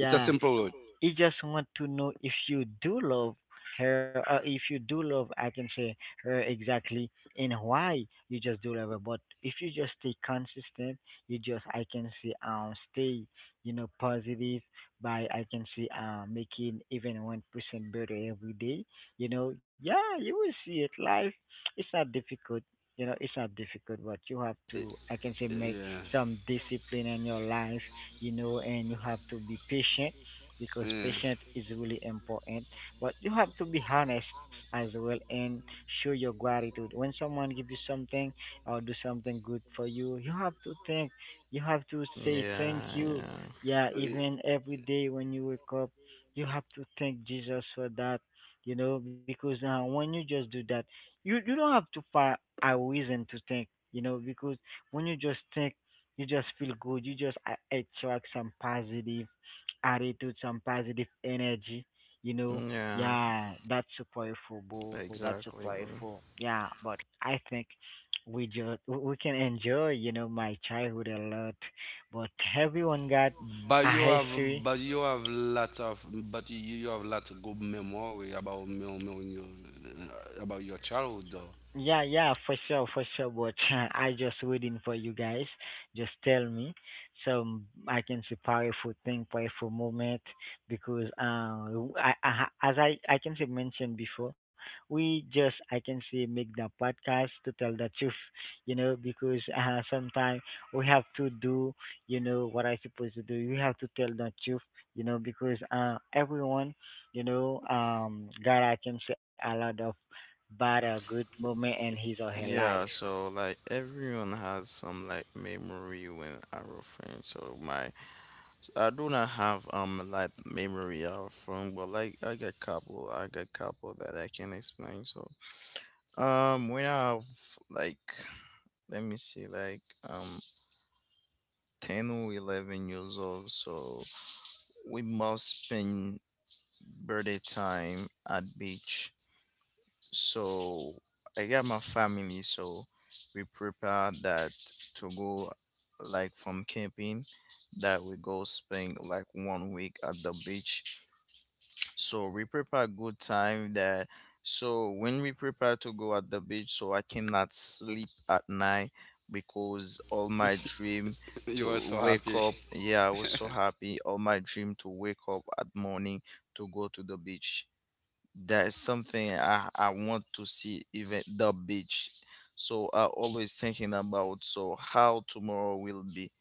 Speaker 3: It's a simple road.
Speaker 1: he just want to know if you do love her, or if you do love I can say her exactly, and why you just do love her. But if you just stay consistent, you just I can say stay, positive, by I can say, making even 1% better every day, yeah, you will see it. Life, it's not difficult, it's not difficult, but you have to I can say
Speaker 3: Yeah,
Speaker 1: make
Speaker 3: yeah.
Speaker 1: some discipline in your life, and you have to be patient, because
Speaker 3: Yeah.
Speaker 1: patience is really important. But you have to be honest as well, and show your gratitude. When someone give you something or do something good for you, you have to think. You have to say thank you.
Speaker 2: Yeah,
Speaker 1: Yeah, even every day when you wake up, you have to thank Jesus for that. Because when you just do that, you don't have to find a reason to think. Because when you just think you just feel good. You just attract some positive attitude, some positive energy, you know.
Speaker 2: yeah. Yeah,
Speaker 1: Yeah, that's so powerful, bro. That's so
Speaker 2: exactly, bro.
Speaker 1: powerful. Yeah, but I think we just we can enjoy, my childhood a lot. But everyone got
Speaker 3: But
Speaker 1: a
Speaker 3: you have,
Speaker 1: history.
Speaker 3: but you have lots of, but you have lots of good memory about me, me when you- about your childhood though.
Speaker 1: Yeah, yeah, for sure, for sure. But I just waiting for you guys. Just tell me, so I can see powerful thing, powerful moment. Because as I can say mentioned before, we just I can say make the podcast to tell the truth, Because sometimes we have to do, what I supposed to do. We have to tell the truth, because everyone, God, I can say a lot of but a good moment in his or her life.
Speaker 2: Yeah, so like everyone has some like memory when our friends. So my I do not have like memory of from, but like I got couple that I can explain. So when I have like let me see like um 10 or 11 years old, so we must spend birthday time at beach. So I got my family, so we prepared that to go like from camping that we go spend like 1 week at the beach. So we prepare good time that, so when we prepare to go at the beach, so I cannot sleep at night because all my dream
Speaker 3: You
Speaker 2: to
Speaker 3: are so
Speaker 2: wake
Speaker 3: happy.
Speaker 2: up yeah I was so happy, all my dream to wake up at morning to go to the beach. That is something I want to see even the beach. So I always thinking about, so how tomorrow will be,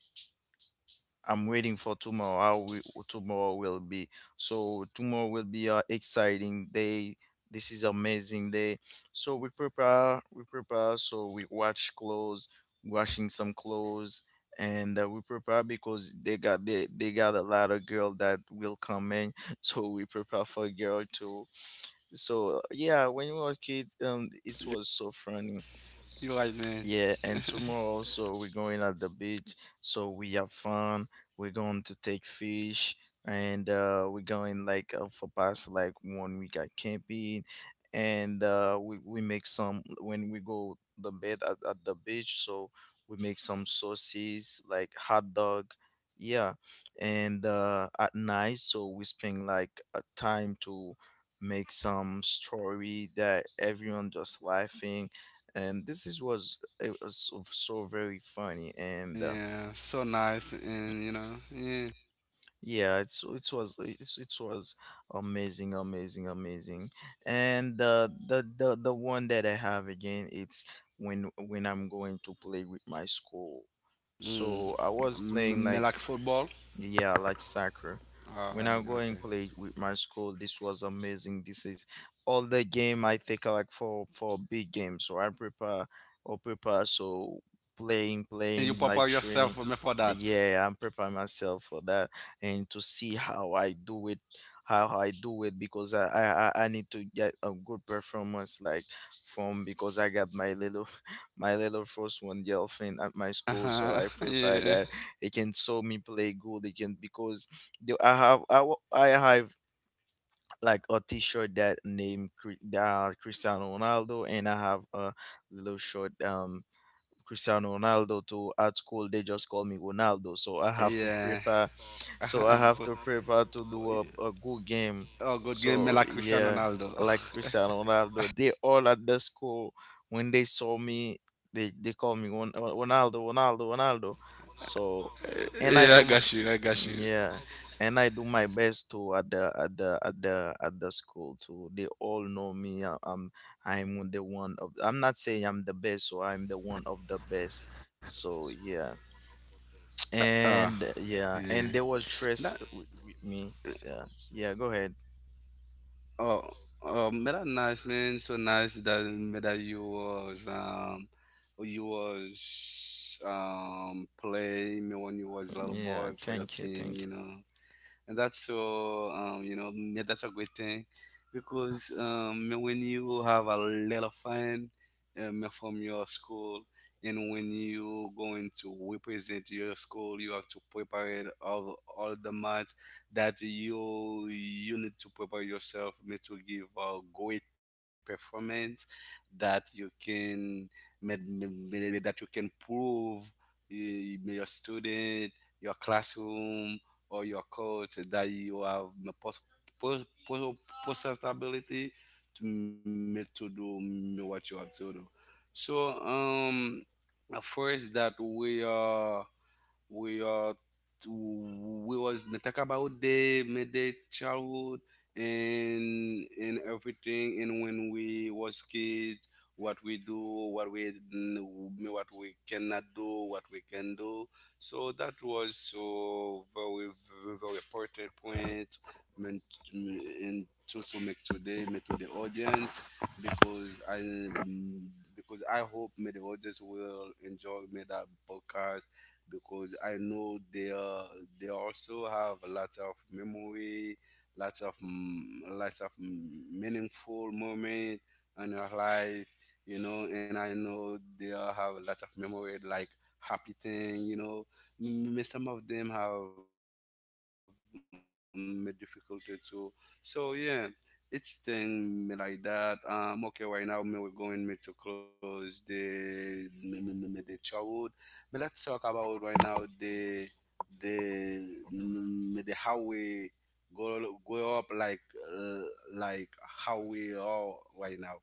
Speaker 2: I'm waiting for tomorrow how tomorrow will be. So tomorrow will be an exciting day, this is amazing day. So we prepare, so we watch clothes, washing some clothes. And we prepare because they got they got a lot of girl that will come in so we prepare for girl too. So yeah, when we were a kid,
Speaker 3: You,
Speaker 2: it was so funny.
Speaker 3: you're right, man.
Speaker 2: Yeah, and tomorrow also we're going at the beach, so we have fun. We're going to take fish, and we're going like for past like 1 week at camping, and we make some when we go the bed at the beach. So we make some sauces like hot dog, yeah, and at night so we spend like a time to make some story that everyone just laughing, and this is what it was so, so very funny. And
Speaker 3: Yeah, so nice, and you know, yeah.
Speaker 2: yeah, it was it was amazing, amazing, amazing. And the one that I have again it's when I'm going to play with my school.
Speaker 3: Mm.
Speaker 2: So I was playing
Speaker 3: M-
Speaker 2: like
Speaker 3: me like football.
Speaker 2: Yeah, like soccer. When
Speaker 3: All
Speaker 2: I go
Speaker 3: right,
Speaker 2: and
Speaker 3: okay.
Speaker 2: play with my school, this was amazing. This is all the game I think I like for big games. So I prepare or prepare so playing,
Speaker 3: And you
Speaker 2: playing
Speaker 3: prepare
Speaker 2: like
Speaker 3: yourself
Speaker 2: training.
Speaker 3: for that.
Speaker 2: Yeah, I'm preparing myself for that and to see how I do it, how I do it because I need to get a good performance like from, because I got my little my little first one the at my school, so I
Speaker 3: Uh-huh.
Speaker 2: prepare that
Speaker 3: Yeah,
Speaker 2: he can show me play good. He can because the, I have like a T-shirt that named Cri- Cristiano Ronaldo, and I have a little shirt Cristiano Ronaldo to at school they just call me Ronaldo. So I have to prepare.
Speaker 3: yeah.
Speaker 2: So I have to prepare to do a good game.
Speaker 3: Oh,
Speaker 2: So
Speaker 3: good game. Me like
Speaker 2: yeah,
Speaker 3: Cristiano
Speaker 2: like
Speaker 3: Ronaldo.
Speaker 2: Cristiano Ronaldo, they all at the school when they saw me, they call me Ron- Ronaldo, Ronaldo, Ronaldo. So and I
Speaker 3: Yeah, I
Speaker 2: do my
Speaker 3: got you. I got
Speaker 2: Mm,
Speaker 3: you.
Speaker 2: yeah, and I do my best to at the school too. They all know me.
Speaker 3: Yeah, yeah, you're right, man.
Speaker 2: I'm the one of. I'm not
Speaker 3: So,
Speaker 2: saying I'm the best, so I'm the one of the best. So yeah,
Speaker 3: ah,
Speaker 2: and yeah,
Speaker 3: yeah.
Speaker 2: and there was
Speaker 3: That,
Speaker 2: stress with me. So yeah, go ahead.
Speaker 3: oh, oh, man, that nice, man. So nice that you was, you was playing when you was
Speaker 2: Yeah,
Speaker 3: little
Speaker 2: thank
Speaker 3: boy
Speaker 2: you,
Speaker 3: for your
Speaker 2: thank you.
Speaker 3: team, you know. And that's so, you know, that's a great thing because, when you have a lot of fun, from your school, and when you going to represent your school you have to prepare all the math that you need to prepare yourself to give a great performance that you can that you can prove, your student, your classroom, or your coach that you have the pos- pos- possibility to make, to do what you have to do. So, first that we are to, we was we talk about the middle childhood, and everything, and when we was kids, what we do, what we what we cannot do, what we can do. So that was so very, very, very important point meant and to make today me to the audience, because because I hope me the audience will enjoy me that podcast, because I know they are, they also have lots of memory, lots of, lots of, meaningful moment in your life, you know. And I know they all have lots of memory, like happy thing, you know. Some of them have, difficulty too. So yeah, it's thing me like that. Okay, right now me we're going me to close the me, me, me, me the childhood. Me Let's talk about right now the, the how we grow, grow up, like, uh, like how we are right now.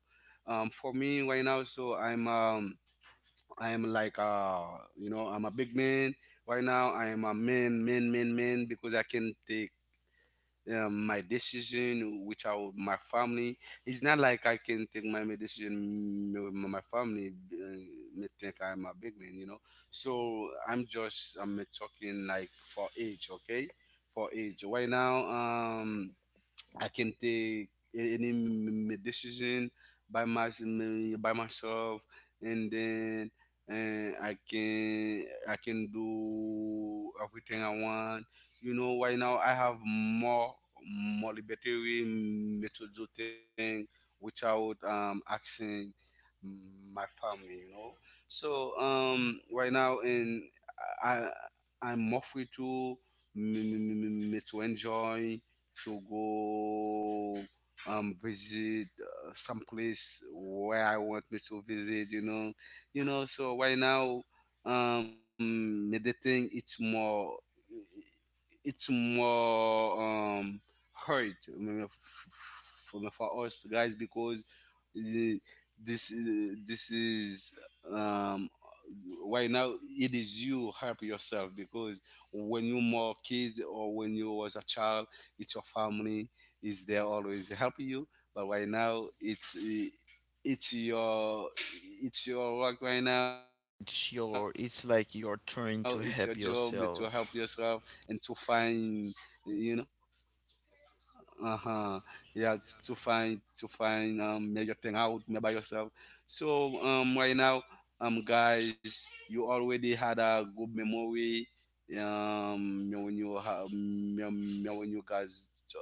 Speaker 3: For me right now, so I'm I'm like, you know, I'm a big man right now. I'm a man because I can take, my decision without my family. It's not like I can take my decision with my family, may think I'm a big man, you know. So I'm just I'm talking like for age, okay, for age. Right now, I can take any, decision by my, by myself, and then and I can do everything I want. You know, right now I have more, more libertary me to do thing without asking my family. You know, so right now, and I, I'm more free to, me, me, me, me to enjoy, to go, visit, some place where I want me to visit. You know, you know. So right now, meditating it's more, it's more, hard for us guys because the- this is, um right now it is you help yourself, because when you more kids or when you was a child, it's your family is there always help you, but right now it's, it's your, it's your work right now, it's your
Speaker 2: It's
Speaker 3: job
Speaker 2: your.
Speaker 3: to
Speaker 2: It's
Speaker 3: help
Speaker 2: like you're
Speaker 3: yourself
Speaker 2: trying to
Speaker 3: and to
Speaker 2: help
Speaker 3: find,
Speaker 2: yourself.
Speaker 3: eh, you uh-huh, yeah, to find, to find major thing out by yourself. So right now, guys, you already had a good memory, me when you have, when you guys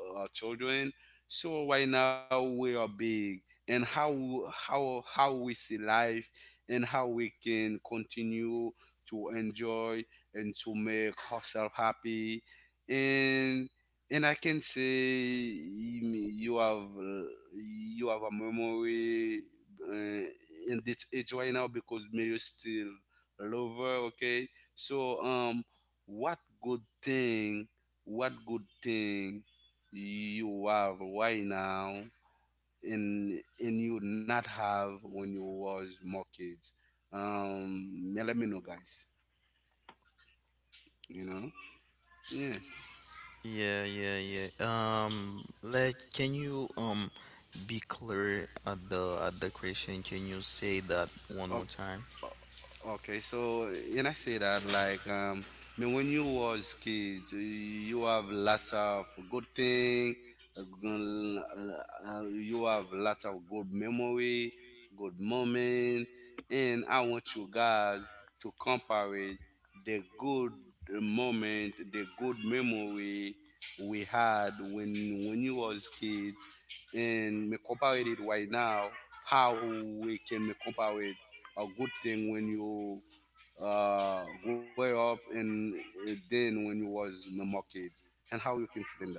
Speaker 3: are children. So right now we are big, and how, how we see life, and how we can continue to enjoy and to make ourselves happy, and and I can say you, you have, you have a memory, uh, in this age right now because me you still love her. Okay, so, what good thing, what good thing you have right now, and you not have when you was more kids. Yeah, let me know, guys. You know, yeah.
Speaker 2: Yeah, yeah, yeah. Like, can you be clear at the question? Can you say that one
Speaker 3: Oh,
Speaker 2: more time?
Speaker 3: okay, so, and I say that like, I mean, when you was kids, you have lots of good thing. You have lots of good memory, good moment, and I want you guys to compare it, the good moment, the good memory we had when you was kids, and me compare it right now, how we can me compare it a good thing when you, grow up, and, then when you was a more kid, and how you can explain that.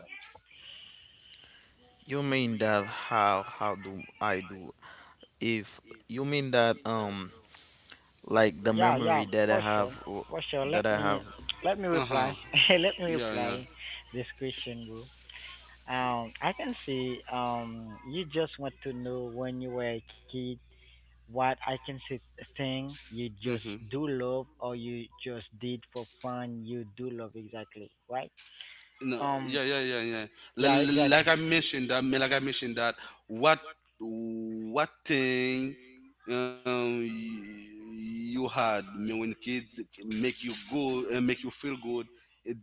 Speaker 2: You mean that how do I do? If you mean that like the
Speaker 1: Yeah, yeah,
Speaker 2: memory that
Speaker 1: for sure, for sure.
Speaker 2: that
Speaker 1: Let
Speaker 2: I
Speaker 1: me
Speaker 2: have
Speaker 1: let me
Speaker 3: Uh-huh,
Speaker 1: reply. Let me
Speaker 3: yeah, yeah,
Speaker 1: reply this question, bro. I can see. You just want to know when you were a kid what I can see thing you just
Speaker 3: mm-hmm.
Speaker 1: do love or you just did for fun. You do love exactly, right?
Speaker 3: No,
Speaker 1: Um,
Speaker 3: yeah, yeah, yeah, yeah.
Speaker 1: yeah, exactly.
Speaker 3: Like I mentioned, that like I mentioned that what what thing, um y- you had me when kids make you good and make you feel good,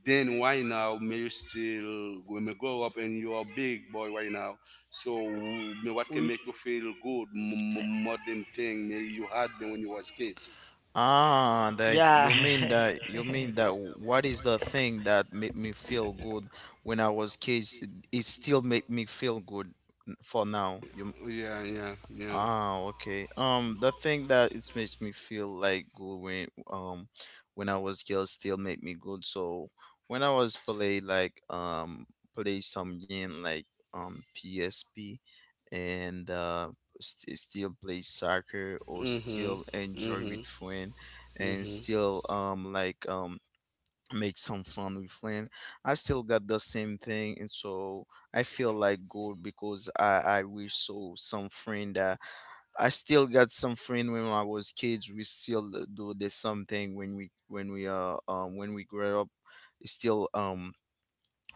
Speaker 3: then why now may you still when you grow up and you are big boy right now? So may what can
Speaker 1: We,
Speaker 3: make you feel good, more than thing may you had me when you was kids?
Speaker 2: ah that
Speaker 1: yeah.
Speaker 2: you mean that what is the thing that made me feel good when I was kids? It still make me feel good n- for now. You
Speaker 3: Yeah, yeah, yeah.
Speaker 2: Ah, okay. The thing that it makes me feel like good when I was girl still made me good. So when I was play like play some game like PSP and st- still play soccer or still
Speaker 3: Mhm.
Speaker 2: enjoy with
Speaker 3: Mhm.
Speaker 2: friend, and
Speaker 3: Mhm.
Speaker 2: still like make some fun with friend. I still got the same thing, and so I feel like good because I wish so some friend that I still got some friend when I was kids. We still do the same thing when we when we grew up. Still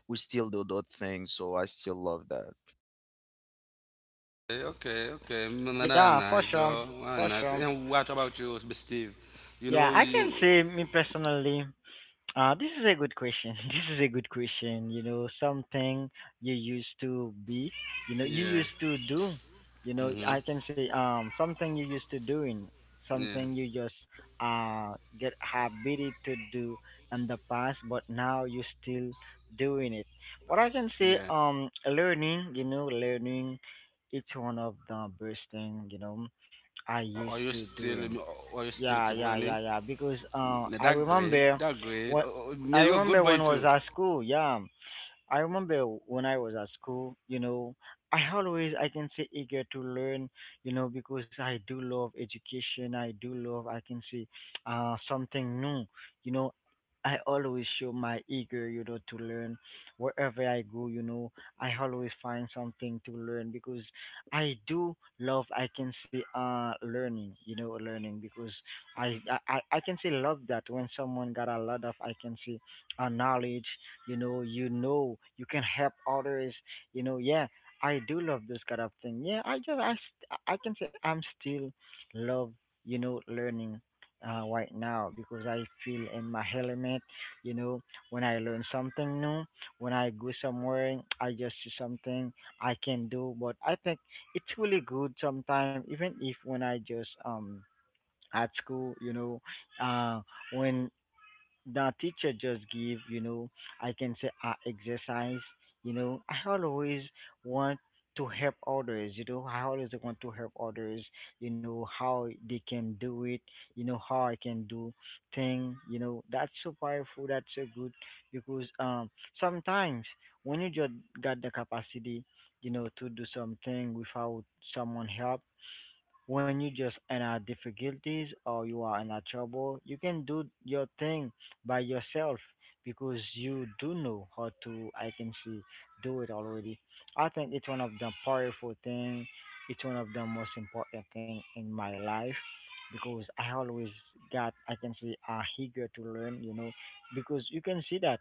Speaker 2: we still do that thing. So I still love that.
Speaker 3: Okay, okay, man, that's
Speaker 1: Yeah, for
Speaker 3: nice
Speaker 1: sure.
Speaker 3: though. That's
Speaker 1: For
Speaker 3: nice.
Speaker 1: sure.
Speaker 3: And what about you, Steve? You
Speaker 1: Yeah,
Speaker 3: know,
Speaker 1: I can
Speaker 3: y-
Speaker 1: say me personally, this is a good question. This is a good question. Something you used to be, you
Speaker 3: yeah,
Speaker 1: used to do. I
Speaker 3: mm-hmm,
Speaker 1: can say something you used to doing,
Speaker 3: yeah,
Speaker 1: something you just get habituated to do in the past, but now you still doing it. What I can
Speaker 3: yeah.
Speaker 1: say learning, you know, learning, it's one of the best thing you know I
Speaker 3: Are
Speaker 1: used
Speaker 3: you
Speaker 1: to
Speaker 3: still,
Speaker 1: doing.
Speaker 3: are you still
Speaker 1: Yeah,
Speaker 3: keep
Speaker 1: yeah,
Speaker 3: learning?
Speaker 1: yeah, yeah. Because
Speaker 3: Yeah,
Speaker 1: I
Speaker 3: that great,
Speaker 1: remember
Speaker 3: that great.
Speaker 1: when
Speaker 3: Oh, oh, yeah, you're a good boy
Speaker 1: when I was
Speaker 3: too.
Speaker 1: at school. Yeah, I remember when I was at school. You know, I can say eager to learn. You know, because I do love education. I do love I can say something new. You know, I always show my eager, you know, to learn. Wherever I go, you know, I always find something to learn because I do love. I can say, learning, you know, learning because I can say love that when someone got a lot of I can say, knowledge, you know, you can help others, you know, yeah. I do love this kind of thing. Yeah, I can say I'm still love, you know, learning right now because I feel in my element. You know, when I learn something new, when I go somewhere, I just see something I can do. But I think it's really good sometimes, even if when I just at school, you know, uh, when the teacher just give you know I can say exercise, you know, want I always want to help others, you know, how they can do it, you know, how I can do thing, you know, that's so powerful, that's so good because sometimes when you just got the capacity, you know, to do something without someone help, when you just in our difficulties or you are in our trouble, you can do your thing by yourself because you do know how to. I can see do it already. I think it's one of the powerful thing. It's one of the most important thing in my life because I always got. I can see are eager to learn. You know, because you can see that.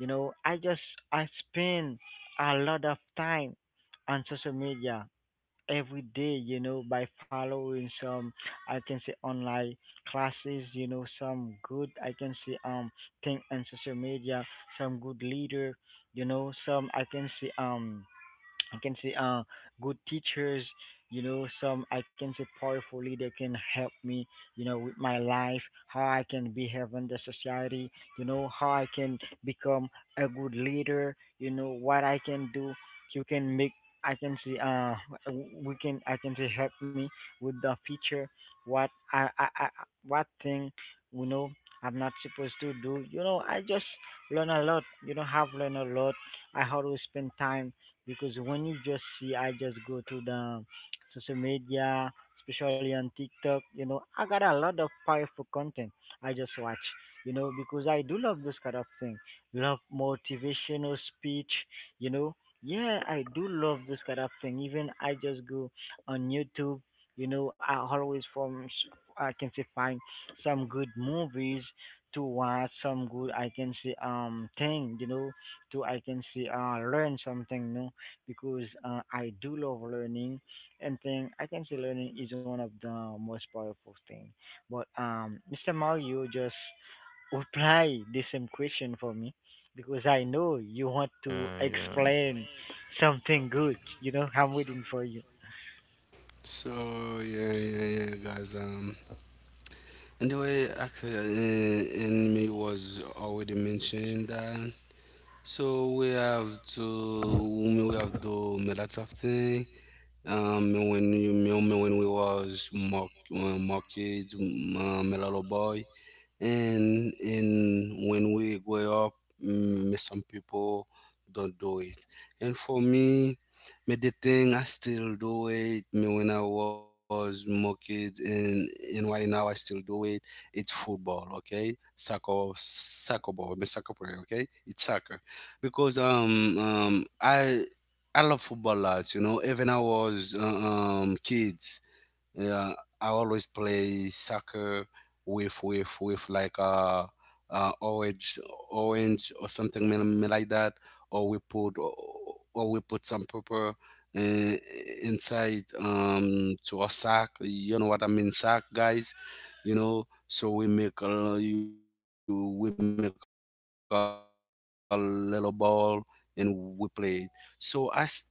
Speaker 1: You know, I spend a lot of time on social media every day, you know, by following some, I can say, online classes, you know, some good, I can say, thing on social media, some good leader, you know, some, I can say, I can say uh good teachers, you know, some I can say powerful leader can help me, you know, with my life, how I can behave in the society, you know, how I can become a good leader, you know, what I can do, you can make I can see we can I can say help me with the future, what I, I, I what thing you know I'm not supposed to do. You know, I just learn a lot, you know, have learned a lot. I how to spend time because when you just see, I just go to the social media, especially on TikTok. You know, I got a lot of powerful content. I just watch. You know, because I do love this kind of thing. Love motivational speech. You know, yeah, I do love this kind of thing. Even I just go on YouTube. You know, I always from I can say find some good movies to watch some good I can say thing, you know, to I can say learn something no because I do love learning and think I can say learning is one of the most powerful thing. But Mr. Mao, you just reply the same question for me because I know you want to
Speaker 2: Yeah, yeah,
Speaker 1: explain something good. You know, I'm waiting for you.
Speaker 3: So yeah, yeah, yeah, guys. Anyway, actually, in me was already mentioned that. So we have to make lots of thing. When you, when we was more, more kids, a little boy, and when we grow up, some people don't do it. And for me, me the thing I still do it. Me when I was more kids, and right now I still do it. It's football, okay? Soccer, soccer ball, me soccer player, okay? It's soccer because, I love football lots. You know, even I was, kids, uh, I always play soccer with like, orange, or something like that, or we put, or we put some pepper, uh, inside to a sack. You know what I mean, sack guys. You know, so we make a little ball and we play. So I still don't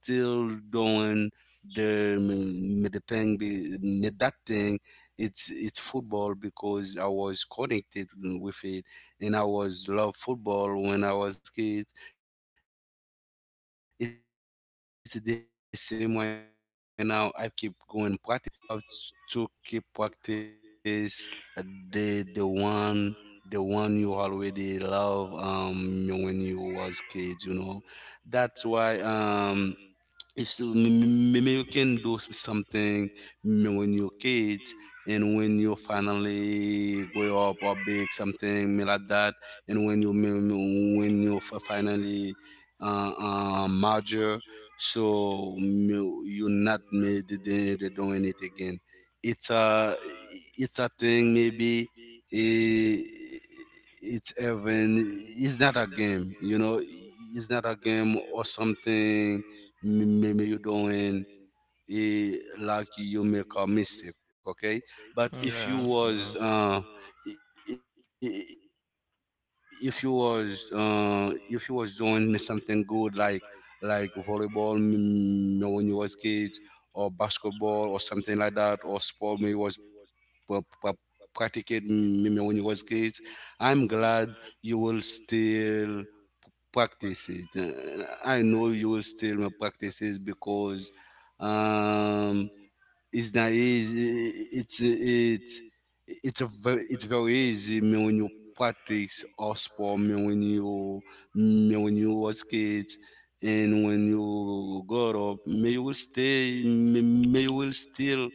Speaker 3: the, the thing be made that thing, it's football because I was connected with it and I was love football when I was kid. It's the same way now. I keep going practice it and practice, practice. You know, so sometimes you have to keep practice, uh, the one, the one you already love when you was kids. You know, that's why, if you, maybe you can do, something when you're kids, and when you finally grow up or big something like that, and when you, when you, finally, uh, major, so, you're not made doing it again. It's a, it's a thing, maybe, eh, it's even, it's not a game, you know, it's not a game or something maybe you doing, like you make a mistake, okay. But
Speaker 2: yeah,
Speaker 3: if you
Speaker 2: yeah.
Speaker 3: was, if you was, if you was doing something good like volleyball, when you was kids, or basketball or something like that, or sport maybe was pra- pra- practicing, when you was kids, I'm glad you will still practices. I know you will still my practices because, um, it's not easy. It's it's a very, it's very easy. I mean, when you practice or sport, I mean, when you, I mean, when you was kids and when you got up, I mean, you will stay, I mean, you will still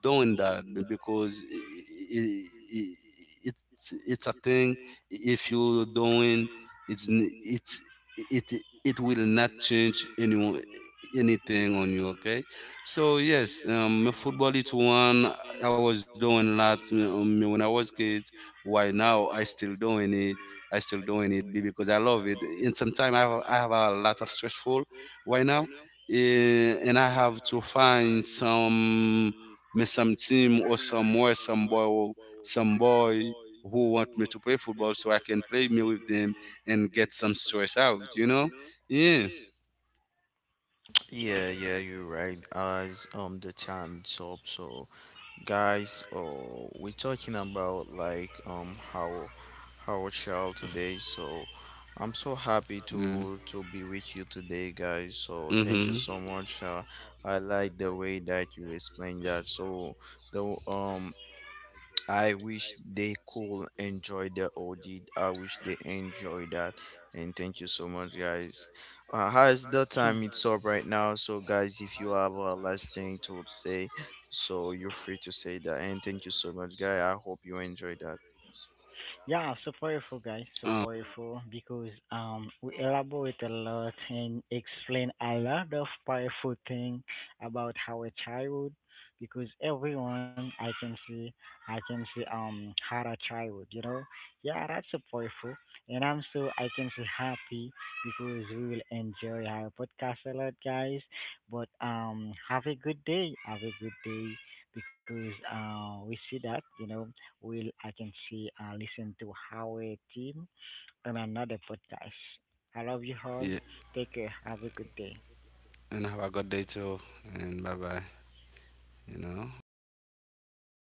Speaker 3: doing that because it, it's a thing. If you doing, it's, it it will not change anyone, anything on you. Okay. So yes, football is one I was doing a lot, when I was kid. Why now I still doing it? I still doing it because I love it. And sometimes I have a lot of stressful. Why now? Eh, and I have to find some, me some team or somewhere, some boy who want me to play football so I can play me with them and get some stress out. You know? Yeah,
Speaker 2: Yeah, yeah, you're right. As the time is up, so guys, oh, we're talking about like how child today. So
Speaker 3: yeah.
Speaker 2: I'm so happy to be with you
Speaker 3: Mm-hmm.
Speaker 2: today, guys. So thank you so much, I like the way that you explained that. So the I wish they could enjoy the audit.
Speaker 1: Mhm.
Speaker 2: I wish they enjoy that. And thank you so much, guys. As the
Speaker 1: Hmm.
Speaker 2: time it's up right now, so guys, if you have a last thing to say, so you're free to say that. And thank you so much, guy. I hope you enjoy that.
Speaker 1: Yeah, so powerful,
Speaker 3: Uh,
Speaker 1: guys, so powerful because we elaborate a lot and explain a lot of powerful thing about our childhood because everyone I can see had a childhood, you know. Yeah, that's so powerful, and I'm so I can say happy because we will enjoy our podcast a lot, guys. But have a good day, have a good day because we see that you know Will I can see listen to Howie Team on another podcast. I love you all.
Speaker 3: yeah.
Speaker 1: Take care. Have a good day.
Speaker 3: And have a good day too. And bye bye. You know. Eh.